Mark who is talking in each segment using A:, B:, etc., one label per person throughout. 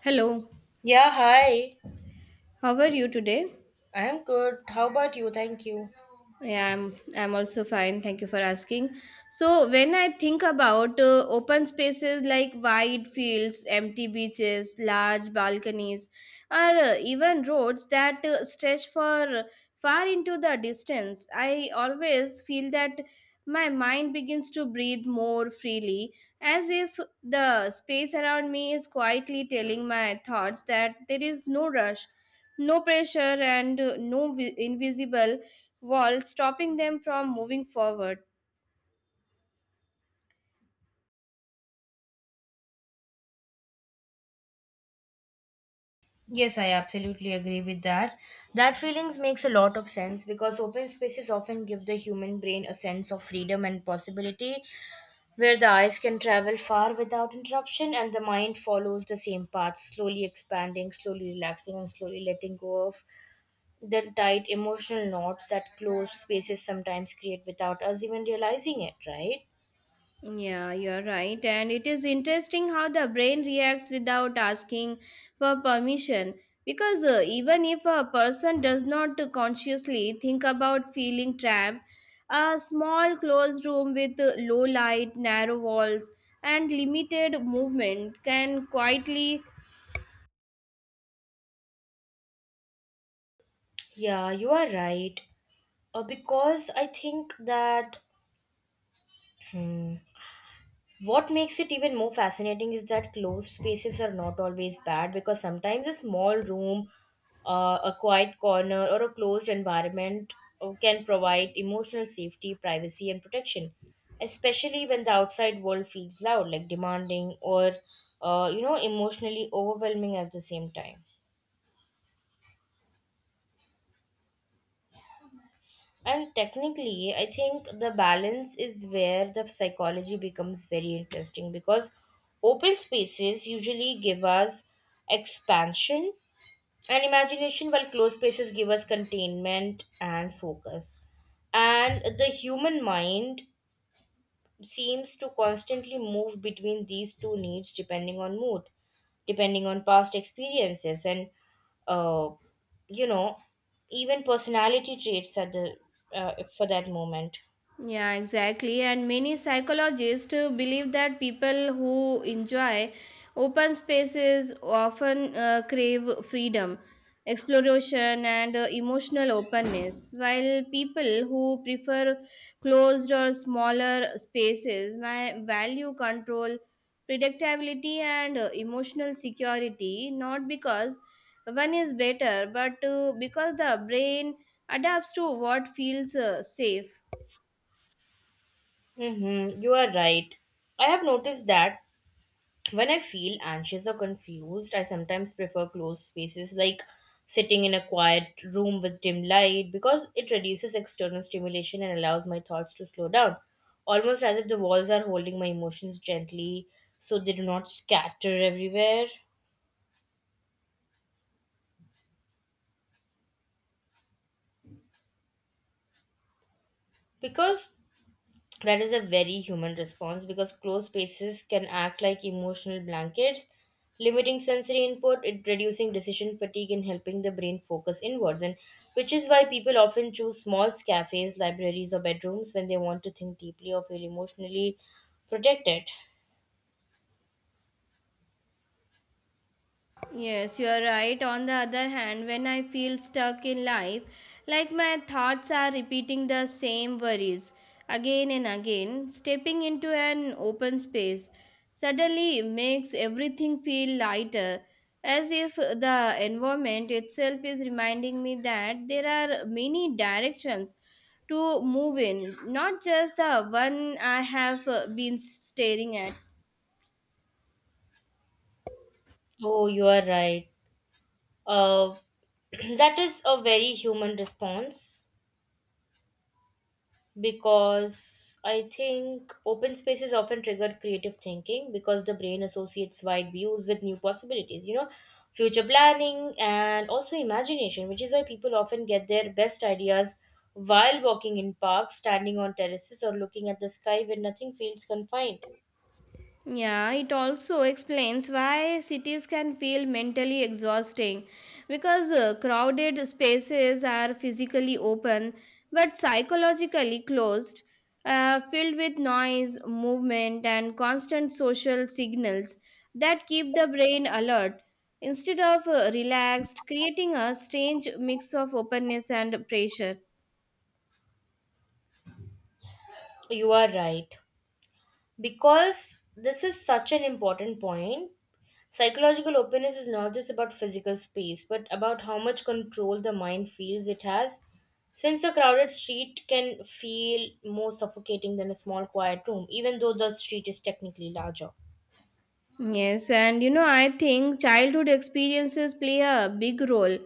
A: Hello,
B: Yeah, hi.
A: how are you today?
B: I am good. How about you? Thank you.
A: Yeah, I'm also fine. Thank you for asking. So when I think about open spaces like wide fields, empty beaches, large balconies, or even roads that stretch for far into the distance, I always feel that my mind begins to breathe more freely, as if the space around me is quietly telling my thoughts that there is no rush, no pressure, and no invisible wall stopping them from moving forward.
B: Yes, I absolutely agree with that. That feelings makes a lot of sense because open spaces often give the human brain a sense of freedom and possibility where the eyes can travel far without interruption and the mind follows the same path, slowly expanding, slowly relaxing and slowly letting go of the tight emotional knots that closed spaces sometimes create without us even realizing it, right?
A: Yeah, you're right. And it is interesting how the brain reacts without asking for permission. Because even if a person does not consciously think about feeling trapped, a small closed room with low light, narrow walls, and limited movement can quietly.
B: Yeah, you are right. Because I think that Hmm. What makes it even more fascinating is that closed spaces are not always bad because sometimes a small room, a quiet corner, or a closed environment can provide emotional safety, privacy, and protection, especially when the outside world feels loud, like demanding or emotionally overwhelming at the same time. And technically, I think the balance is where the psychology becomes very interesting because open spaces usually give us expansion and imagination, while closed spaces give us containment and focus. And the human mind seems to constantly move between these two needs depending on mood, depending on past experiences, and uh, you know, even personality traits at the for that moment.
A: Yeah, exactly. And many psychologists believe that people who enjoy open spaces often crave freedom, exploration, and emotional openness, while people who prefer closed or smaller spaces may value control, predictability, and emotional security, not because one is better, but because the brain adapts to what feels safe.
B: Mm-hmm, you are right. I have noticed that when I feel anxious or confused, I sometimes prefer closed spaces like sitting in a quiet room with dim light because it reduces external stimulation and allows my thoughts to slow down, almost as if the walls are holding my emotions gently so they do not scatter everywhere. Because That is a very human response because closed spaces can act like emotional blankets, limiting sensory input, it reducing decision fatigue and helping the brain focus inwards. And which is why people often choose small cafes, libraries, or bedrooms when they want to think deeply or feel emotionally protected.
A: Yes, you are right. On the other hand, when I feel stuck in life, like my thoughts are repeating the same worries again and again, stepping into an open space suddenly makes everything feel lighter, as if the environment itself is reminding me that there are many directions to move in, not just the one I have been staring at.
B: Oh, you are right. Uh, that is a very human response. Because I think open spaces often trigger creative thinking because the brain associates wide views with new possibilities, you know, future planning and also imagination, which is why people often get their best ideas while walking in parks, standing on terraces, or looking at the sky when nothing feels confined.
A: Yeah, it also explains why cities can feel mentally exhausting because crowded spaces are physically open but psychologically closed, filled with noise, movement, and constant social signals that keep the brain alert instead of relaxed, creating a strange mix of openness and pressure.
B: You are right. Because this is such an important point, psychological openness is not just about physical space, but about how much control the mind feels it has. Since a crowded street can feel more suffocating than a small quiet room, even though the street is technically larger.
A: Yes, and you know, I think childhood experiences play a big role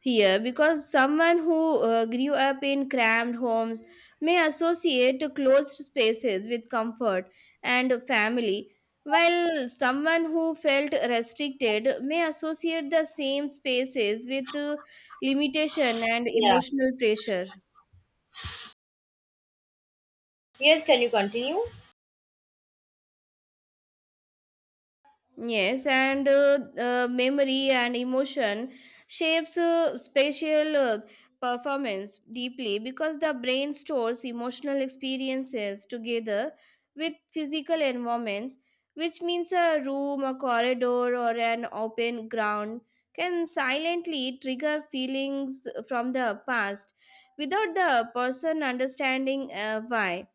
A: here because someone who grew up in cramped homes may associate closed spaces with comfort and family, while someone who felt restricted may associate the same spaces with limitation and
B: Yeah.
A: emotional pressure.
B: Yes, can you continue?
A: Yes, and memory and emotion shapes spatial performance deeply because the brain stores emotional experiences together with physical environments, which means a room, a corridor, or an open ground can silently trigger feelings from the past without the person understanding why,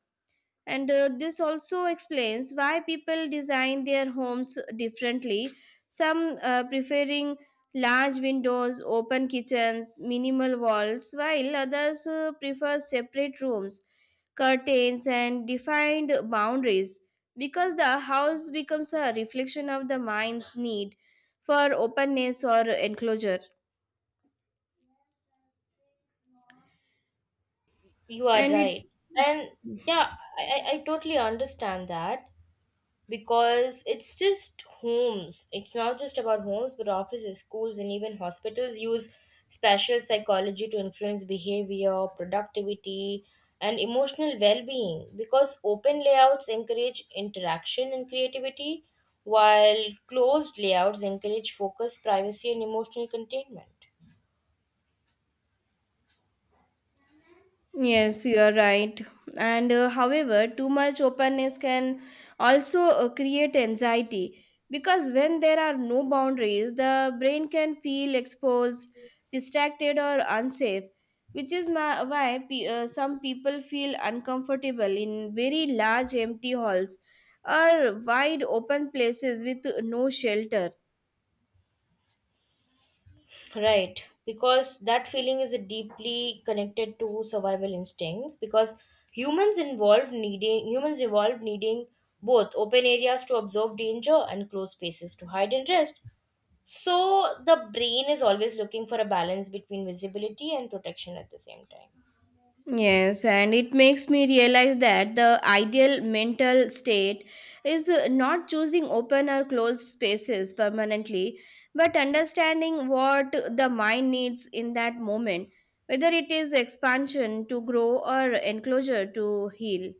A: and this also explains why people design their homes differently, some preferring large windows, open kitchens, minimal walls, while others prefer separate rooms, curtains, and defined boundaries, because the house becomes a reflection of the mind's need for openness or enclosure.
B: You are
A: And it.
B: right. And yeah, I totally understand that. Because it's just homes. It's not just about homes, but offices, schools, and even hospitals use special psychology to influence behavior, productivity, and emotional well being because open layouts encourage interaction and creativity, while closed layouts encourage focus, privacy, and emotional containment.
A: Yes, you are right. And however, too much openness can also create anxiety because when there are no boundaries, the brain can feel exposed, distracted, or unsafe, which is some people feel uncomfortable in very large empty halls or wide open places with no shelter.
B: Right, because that feeling is deeply connected to survival instincts. Because humans evolved needing both open areas to absorb danger and closed spaces to hide and rest. So the brain is always looking for a balance between visibility and protection at the same time.
A: Yes, and it makes me realize that the ideal mental state is not choosing open or closed spaces permanently, but understanding what the mind needs in that moment, whether it is expansion to grow or enclosure to heal.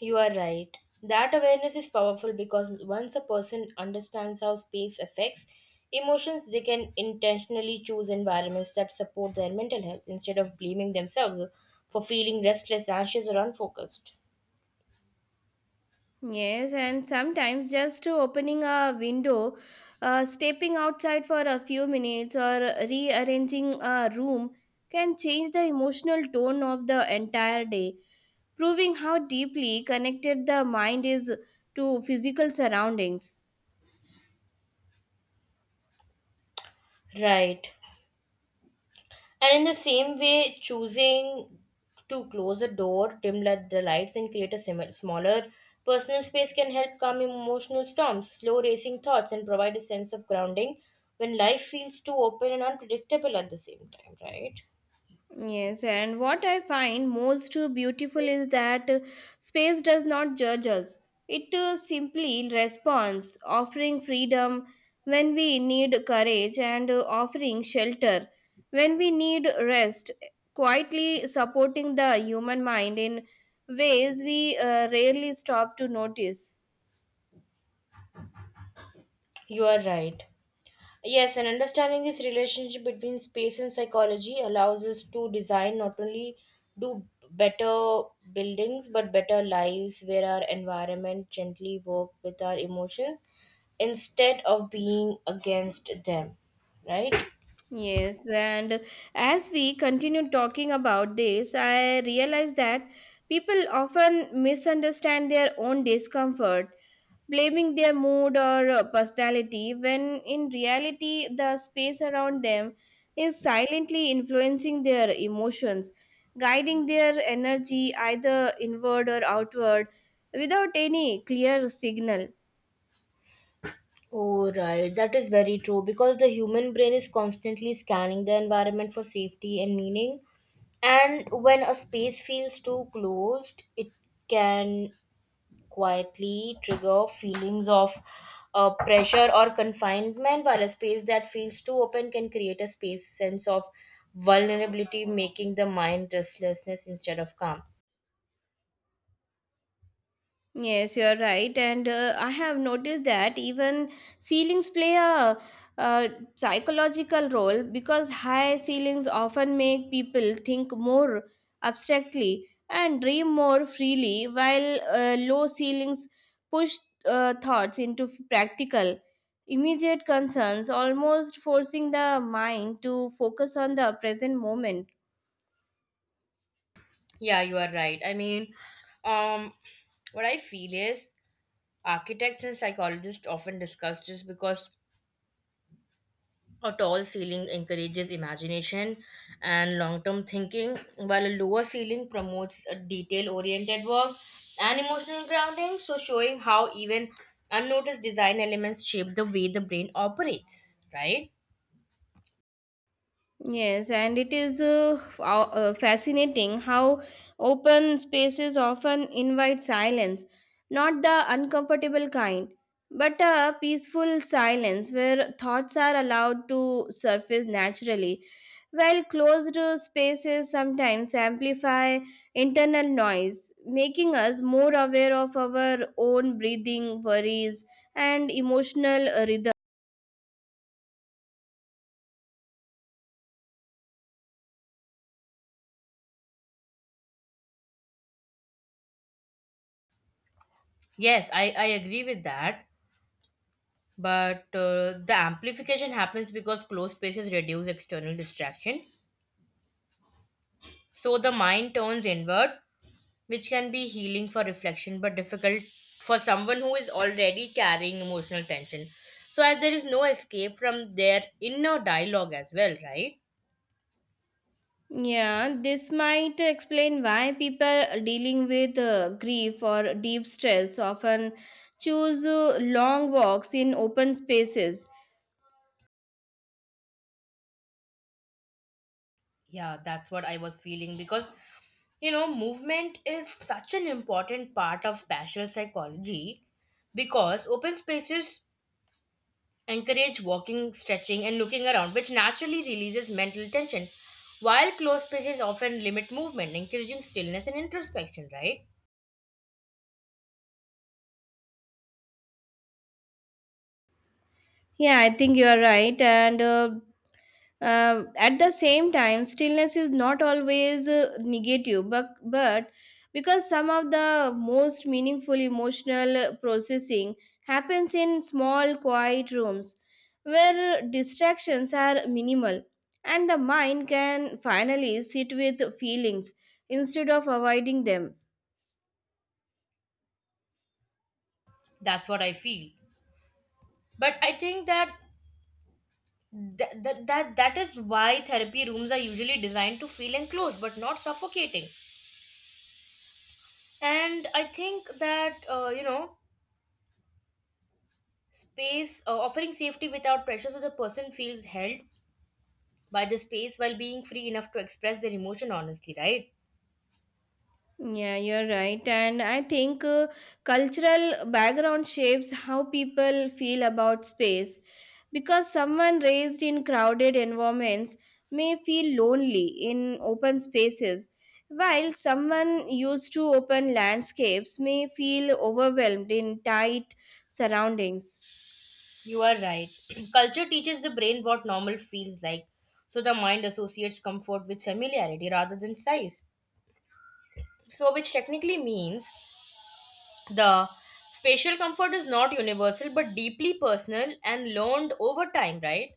B: You are right. That awareness is powerful because once a person understands how space affects emotions, they can intentionally choose environments that support their mental health instead of blaming themselves for feeling restless, anxious, or unfocused.
A: Yes, and sometimes just opening a window, stepping outside for a few minutes, or rearranging a room can change the emotional tone of the entire day, proving how deeply connected the mind is to physical surroundings.
B: Right. And in the same way, choosing to close a door, dim let the lights, and create a smaller personal space can help calm emotional storms, slow racing thoughts, and provide a sense of grounding when life feels too open and unpredictable at the same time, right?
A: Yes, and what I find most beautiful is that space does not judge us. It simply responds, offering freedom when we need courage, and offering shelter when we need rest, quietly supporting the human mind in ways we rarely stop to notice.
B: You are right. Yes, and understanding this relationship between space and psychology allows us to design not only do better buildings but better lives where our environment gently work with our emotions instead of being against them, right?
A: Yes, and as we continue talking about this, I realize that people often misunderstand their own discomfort, blaming their mood or personality, when in reality, the space around them is silently influencing their emotions, guiding their energy either inward or outward without any clear signal.
B: Oh, right. That is very true because the human brain is constantly scanning the environment for safety and meaning. And when a space feels too closed, it can quietly trigger feelings of pressure or confinement, while a space that feels too open can create a space sense of vulnerability, making the mind restlessness instead of calm.
A: Yes, you are right. And I have noticed that even ceilings play a, uh psychological role because high ceilings often make people think more abstractly and dream more freely, while low ceilings push thoughts into practical, immediate concerns, almost forcing the mind to focus on the present moment.
B: Yeah, you are right. I mean, um, what I feel is architects and psychologists often discuss this because a tall ceiling encourages imagination and long term thinking, while a lower ceiling promotes a detail oriented work and emotional grounding, so showing how even unnoticed design elements shape the way the brain operates, right?
A: Yes, and it is fascinating how open spaces often invite silence, not the uncomfortable kind, but a peaceful silence where thoughts are allowed to surface naturally, while closed spaces sometimes amplify internal noise, making us more aware of our own breathing, worries, and emotional rhythm.
B: Yes, I agree with that, but the amplification happens because closed spaces reduce external distraction, so the mind turns inward which can be healing for reflection but difficult for someone who is already carrying emotional tension. So, as there is no escape from their inner dialogue as well, right?
A: Yeah, this might explain why people dealing with grief or deep stress often choose long walks in open spaces.
B: Yeah, that's what I was feeling because you know, movement is such an important part of spatial psychology because open spaces encourage walking, stretching, and looking around, which naturally releases mental tension, while closed spaces often limit movement, encouraging stillness and introspection, right?
A: Yeah, I think you are right. And at the same time, stillness is not always negative, but because some of the most meaningful emotional processing happens in small, quiet rooms where distractions are minimal and the mind can finally sit with feelings instead of avoiding them.
B: That's what I feel. But I think that th- that that that is why therapy rooms are usually designed to feel enclosed but not suffocating and I think that space offering safety without pressure so the person feels held by the space while being free enough to express their emotion honestly, right?
A: Yeah, you're right. And I think cultural background shapes how people feel about space because someone raised in crowded environments may feel lonely in open spaces, while someone used to open landscapes may feel overwhelmed in tight surroundings.
B: You are right. Culture teaches the brain what normal feels like so the mind associates comfort with familiarity rather than size so which technically means the spatial comfort is not universal but deeply personal and learned over time, right?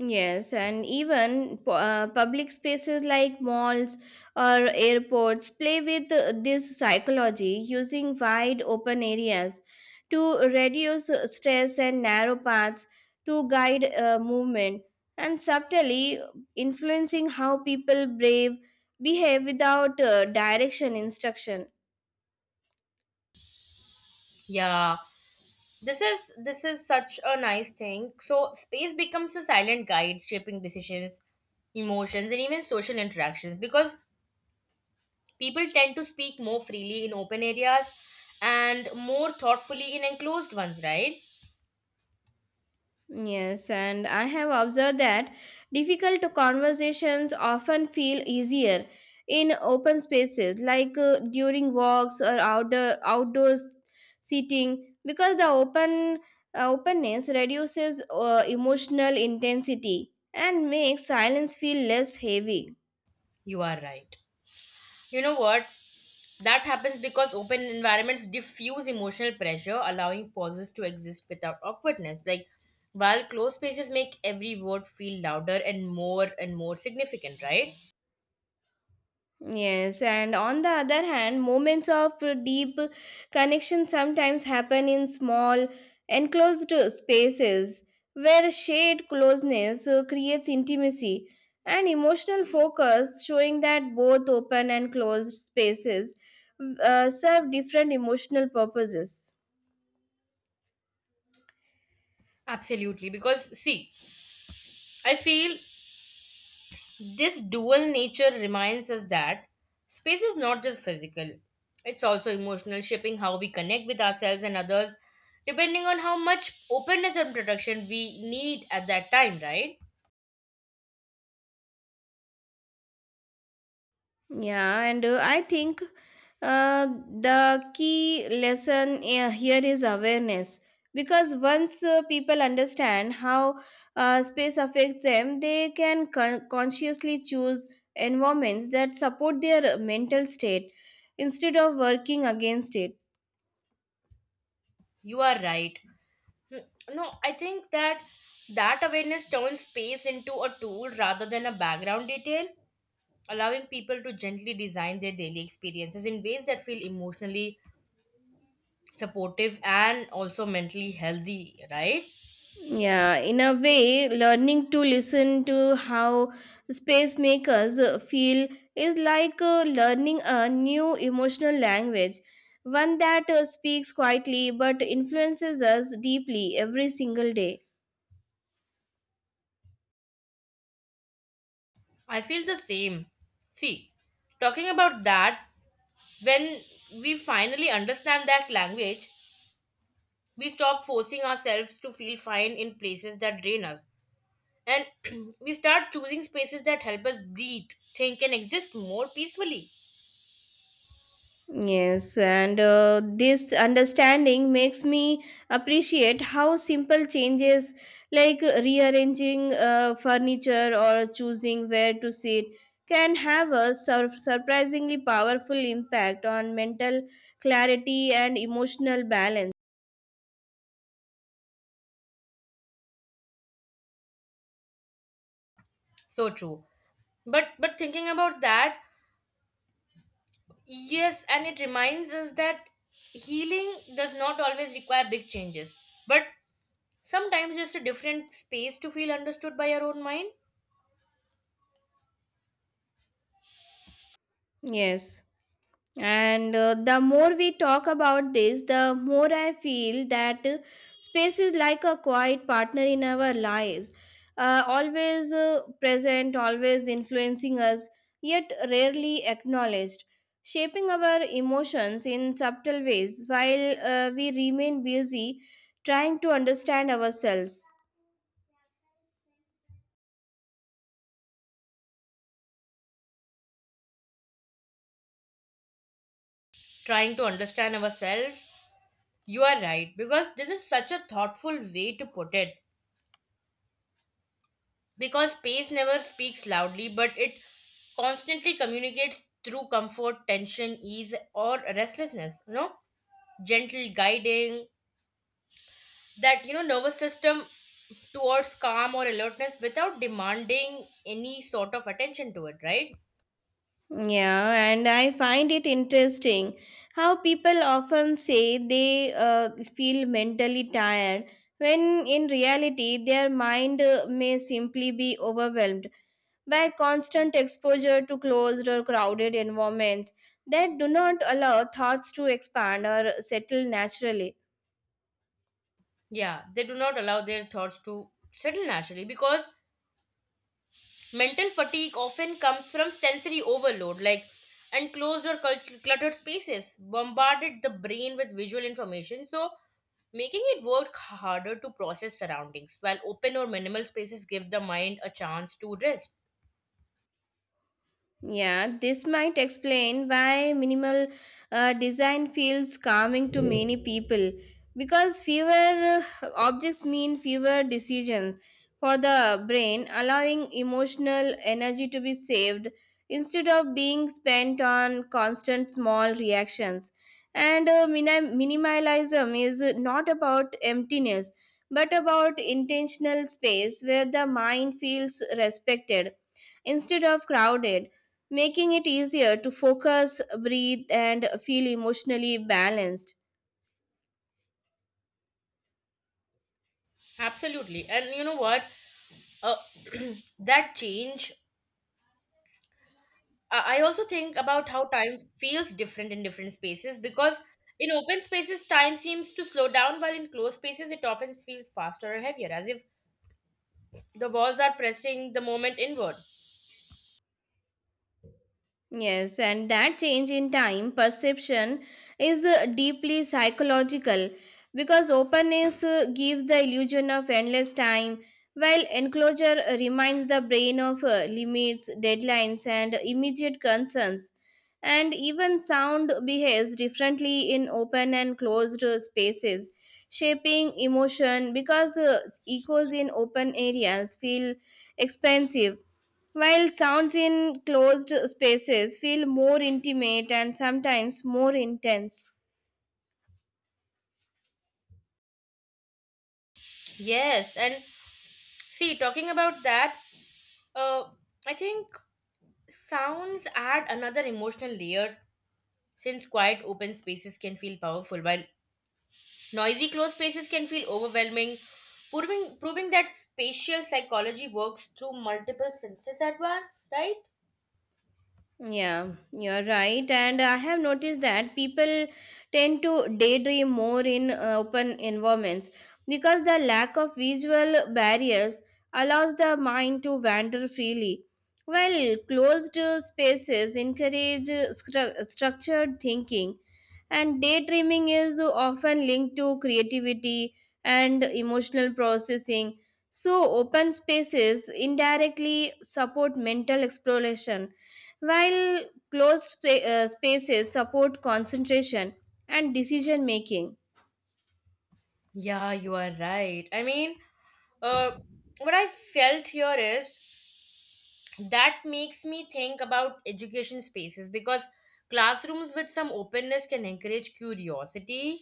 A: Yes, and even public spaces like malls or airports play with this psychology, using wide open areas to reduce stress and narrow paths to guide movement and subtly influencing how people brave behave without direction, instruction.
B: Yeah. This is such a nice thing. So space becomes a silent guide shaping decisions, emotions and even social interactions because people tend to speak more freely in open areas and more thoughtfully in enclosed ones, right?
A: Yes, and I have observed that difficult conversations often feel easier in open spaces like during walks or outdoors seating, because the open openness reduces emotional intensity and makes silence feel less heavy.
B: You are right. You know what? That happens because open environments diffuse emotional pressure, allowing pauses to exist without awkwardness. Like, while closed spaces make every word feel louder and more significant, right?
A: Yes, and on the other hand, moments of deep connection sometimes happen in small, enclosed spaces where shared closeness creates intimacy and emotional focus, showing that both open and closed spaces serve different emotional purposes.
B: Absolutely. Because, see, I feel this dual nature reminds us that space is not just physical, it's also emotional, shaping how we connect with ourselves and others, depending on how much openness and protection we need at that time, right?
A: Yeah, and I think the key lesson here is awareness because once people understand how space affects them, they can consciously choose environments that support their mental state instead of working against it.
B: You are right. No, I think that that awareness turns space into a tool rather than a background detail, allowing people to gently design their daily experiences in ways that feel emotionally supportive and also mentally healthy, right?
A: Yeah, in a way, learning to listen to how space makers feel is like learning a new emotional language, one that speaks quietly but influences us deeply every single day.
B: I feel the same. See, talking about that, when we finally understand that language, we stop forcing ourselves to feel fine in places that drain us and we start choosing spaces that help us breathe think and exist more peacefully.
A: Yes, and this understanding makes me appreciate how simple changes like rearranging furniture or choosing where to sit can have a surprisingly powerful impact on mental clarity and emotional balance.
B: So true. But thinking about that, yes and it reminds us that healing does not always require big changes but sometimes just a different space to feel understood by our own mind
A: Yes. And the more we talk about this, the more I feel that space is like a quiet partner in our lives, always present, always influencing us, yet rarely acknowledged, shaping our emotions in subtle ways while we remain busy trying to understand ourselves.
B: trying to understand ourselves. You are right because this is such a thoughtful way to put it because space never speaks loudly but it constantly communicates through comfort tension ease or restlessness, you know, gentle guiding that, you know, nervous system towards calm or alertness without demanding any sort of attention to it, right?
A: Yeah, and I find it interesting how people often say they feel mentally tired when in reality their mind may simply be overwhelmed by constant exposure to closed or crowded environments that do not allow thoughts to expand or settle naturally.
B: Yeah, they do not allow their thoughts to settle naturally because mental fatigue often comes from sensory overload, like enclosed or cluttered spaces, bombarded the brain with visual information, so making it work harder to process surroundings, while open or minimal spaces give the mind a chance to rest.
A: Yeah, this might explain why minimal design feels calming to many people because fewer objects mean fewer decisions for the brain, allowing emotional energy to be saved instead of being spent on constant small reactions. And minimalism is not about emptiness but about intentional space where the mind feels respected instead of crowded, making it easier to focus, breathe, and feel emotionally balanced.
B: Absolutely. And you know what? Uh, that change, I also think about how time feels different in different spaces because in open spaces, time seems to slow down, while in closed spaces, it often feels faster or heavier, as if the walls are pressing the moment inward.
A: Yes, and that change in time perception is deeply psychological because openness gives the illusion of endless time, while enclosure reminds the brain of limits, deadlines, and immediate concerns. And even sound behaves differently in open and closed spaces, shaping emotion because echoes in open areas feel expansive, while sounds in closed spaces feel more intimate and sometimes more intense.
B: Yes, and see, talking about that, uh, I think sounds add another emotional layer since quiet open spaces can feel powerful while noisy closed spaces can feel overwhelming, proving that spatial psychology works through multiple senses at once, right?
A: Yeah, you're right. And I have noticed that people tend to daydream more in open environments because the lack of visual barriers allows the mind to wander freely, while closed spaces encourage structured thinking. And daydreaming is often linked to creativity and emotional processing. So, open spaces indirectly support mental exploration, while spaces support concentration and decision making.
B: Yeah, you are right. I mean, uh, what I felt here is that makes me think about education spaces because classrooms with some openness can encourage curiosity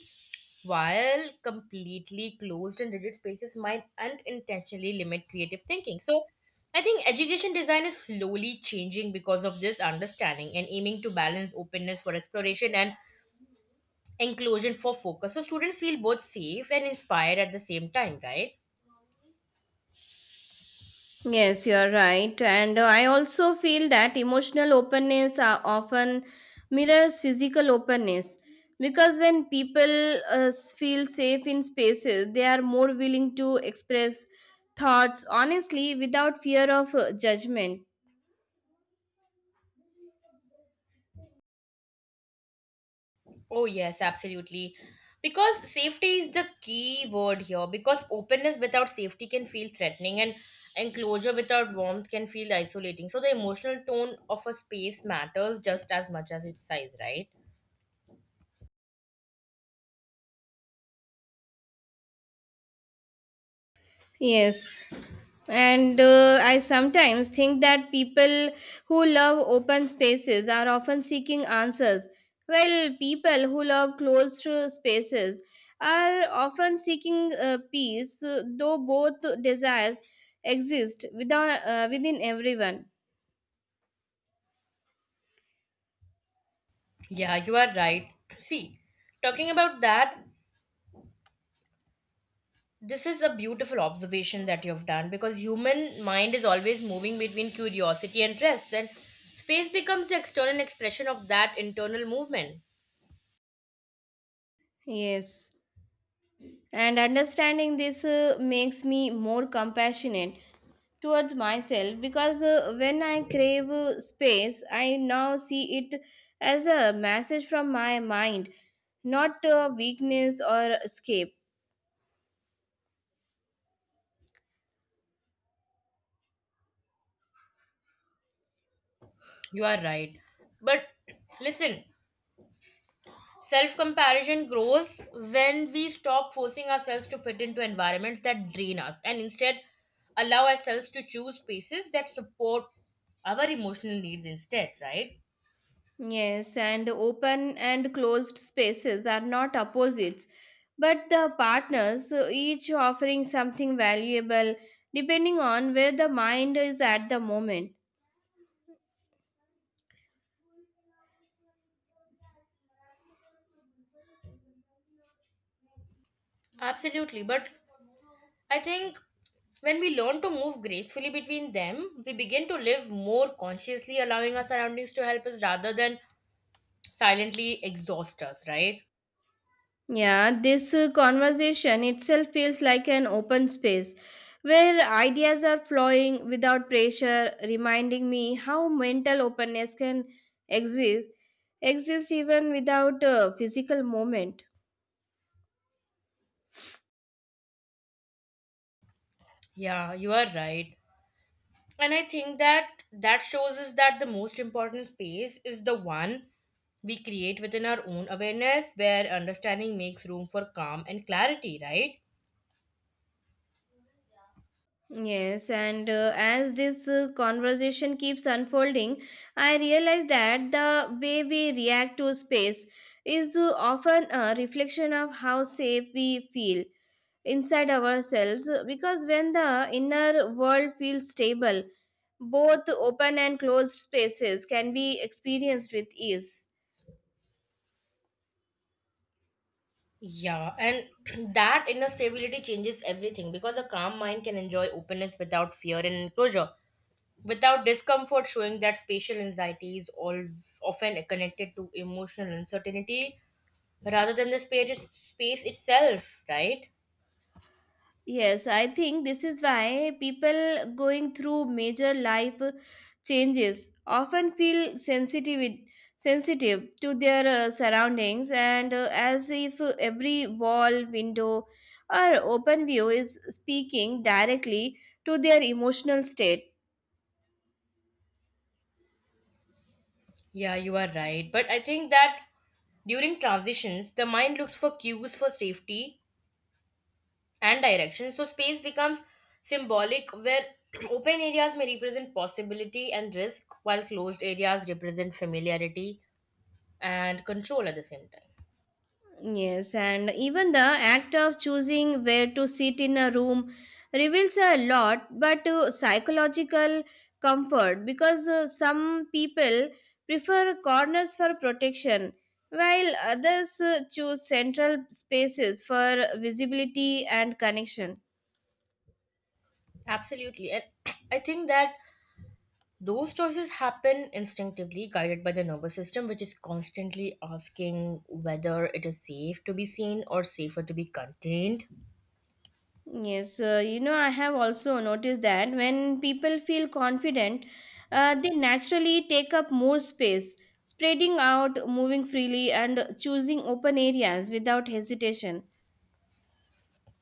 B: while completely closed and rigid spaces might unintentionally limit creative thinking. So I think education design is slowly changing because of this understanding and aiming to balance openness for exploration and inclusion for focus so students feel both safe and inspired at the same time, right?
A: Yes, you're right. And I also feel that emotional openness are often mirrors physical openness because when people feel safe in spaces, they are more willing to express thoughts honestly without fear of judgment.
B: Oh, yes, absolutely. Because safety is the key word here. Because openness without safety can feel threatening, and enclosure without warmth can feel isolating. So, the emotional tone of a space matters just as much as its size, right?
A: Yes. And I sometimes think that people who love open spaces are often seeking answers, while people who love closed spaces are often seeking peace, though both desires exist within everyone.
B: Yeah, you are right. See, talking about that, this is a beautiful observation that you've done because human mind is always moving between curiosity and rest, and space becomes the external expression of that internal movement.
A: Yes. And understanding this makes me more compassionate towards myself because when I crave space, I now see it as a message from my mind, not a weakness or escape.
B: You are right. But listen, self comparison grows when we stop forcing ourselves to fit into environments that drain us and instead allow ourselves to choose spaces that support our emotional needs instead, right?
A: Yes, and open and closed spaces are not opposites, but the partners, each offering something valuable depending on where the mind is at the moment.
B: Absolutely. But I think when we learn to move gracefully between them, we begin to live more consciously, allowing our surroundings to help us rather than silently exhaust us, right?
A: Yeah, this conversation itself feels like an open space where ideas are flowing without pressure, reminding me how mental openness can exist exist even without a physical moment.
B: Yeah, you are right. And I think that that shows us that the most important space is the one we create within our own awareness where understanding makes room for calm and clarity, right?
A: Yes, and as this conversation keeps unfolding, I realize that the way we react to space is often a reflection of how safe we feel inside ourselves because when the inner world feels stable, both open and closed spaces can be experienced with ease.
B: Yeah, and that inner stability changes everything because a calm mind can enjoy openness without fear and enclosure without discomfort, showing that spatial anxiety is all often connected to emotional uncertainty rather than the space itself, right?
A: Yes, I think this is why people going through major life changes often feel sensitive to their surroundings, and as if every wall, window, or open view is speaking directly to their emotional state.
B: Yeah, you are right. But I think that during transitions, the mind looks for cues for safety and direction, so space becomes symbolic where open areas may represent possibility and risk, while closed areas represent familiarity and control at the same time.
A: Yes, and even the act of choosing where to sit in a room reveals a lot, but psychological comfort, because some people prefer corners for protection, while others choose central spaces for visibility and connection.
B: Absolutely. And I think that those choices happen instinctively, guided by the nervous system, which is constantly asking whether it is safe to be seen or safer to be contained.
A: Yes, you know, I have also noticed that when people feel confident, they naturally take up more space, spreading out, moving freely, and choosing open areas without hesitation.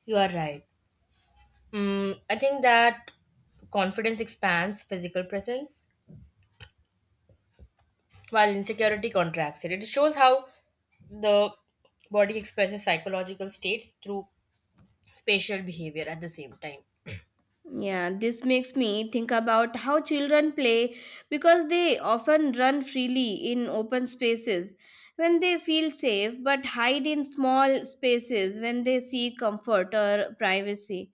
B: You are right. Mm, I think that confidence expands physical presence while insecurity contracts it. It shows how the body expresses psychological states through spatial behavior at the same time.
A: Yeah, this makes me think about how children play because they often run freely in open spaces when they feel safe but hide in small spaces when they seek comfort or privacy.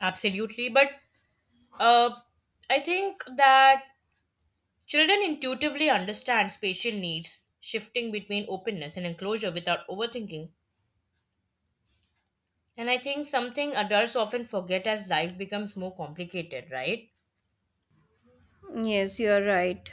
B: Absolutely. But uh, I think that children intuitively understand spatial needs, shifting between openness and enclosure without overthinking. And I think something adults often forget as life becomes more complicated, right?
A: Yes, you are right.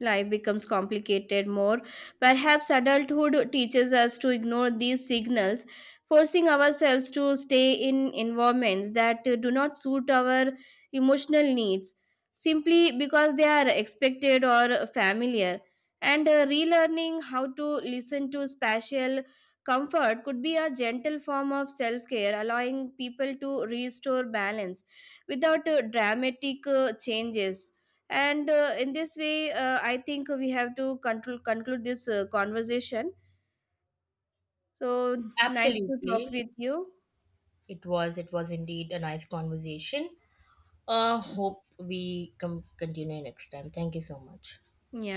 A: Life becomes complicated more. Perhaps adulthood teaches us to ignore these signals, forcing ourselves to stay in environments that do not suit our emotional needs simply because they are expected or familiar. And relearning how to listen to spatial comfort could be a gentle form of self care, allowing people to restore balance without dramatic changes, and in this way I think we have to conclude this conversation. So, nice to talk
B: Absolutely.
A: with you.
B: It was. It was indeed a nice conversation. Hope we come continue next time. Thank you so much.
A: Yeah.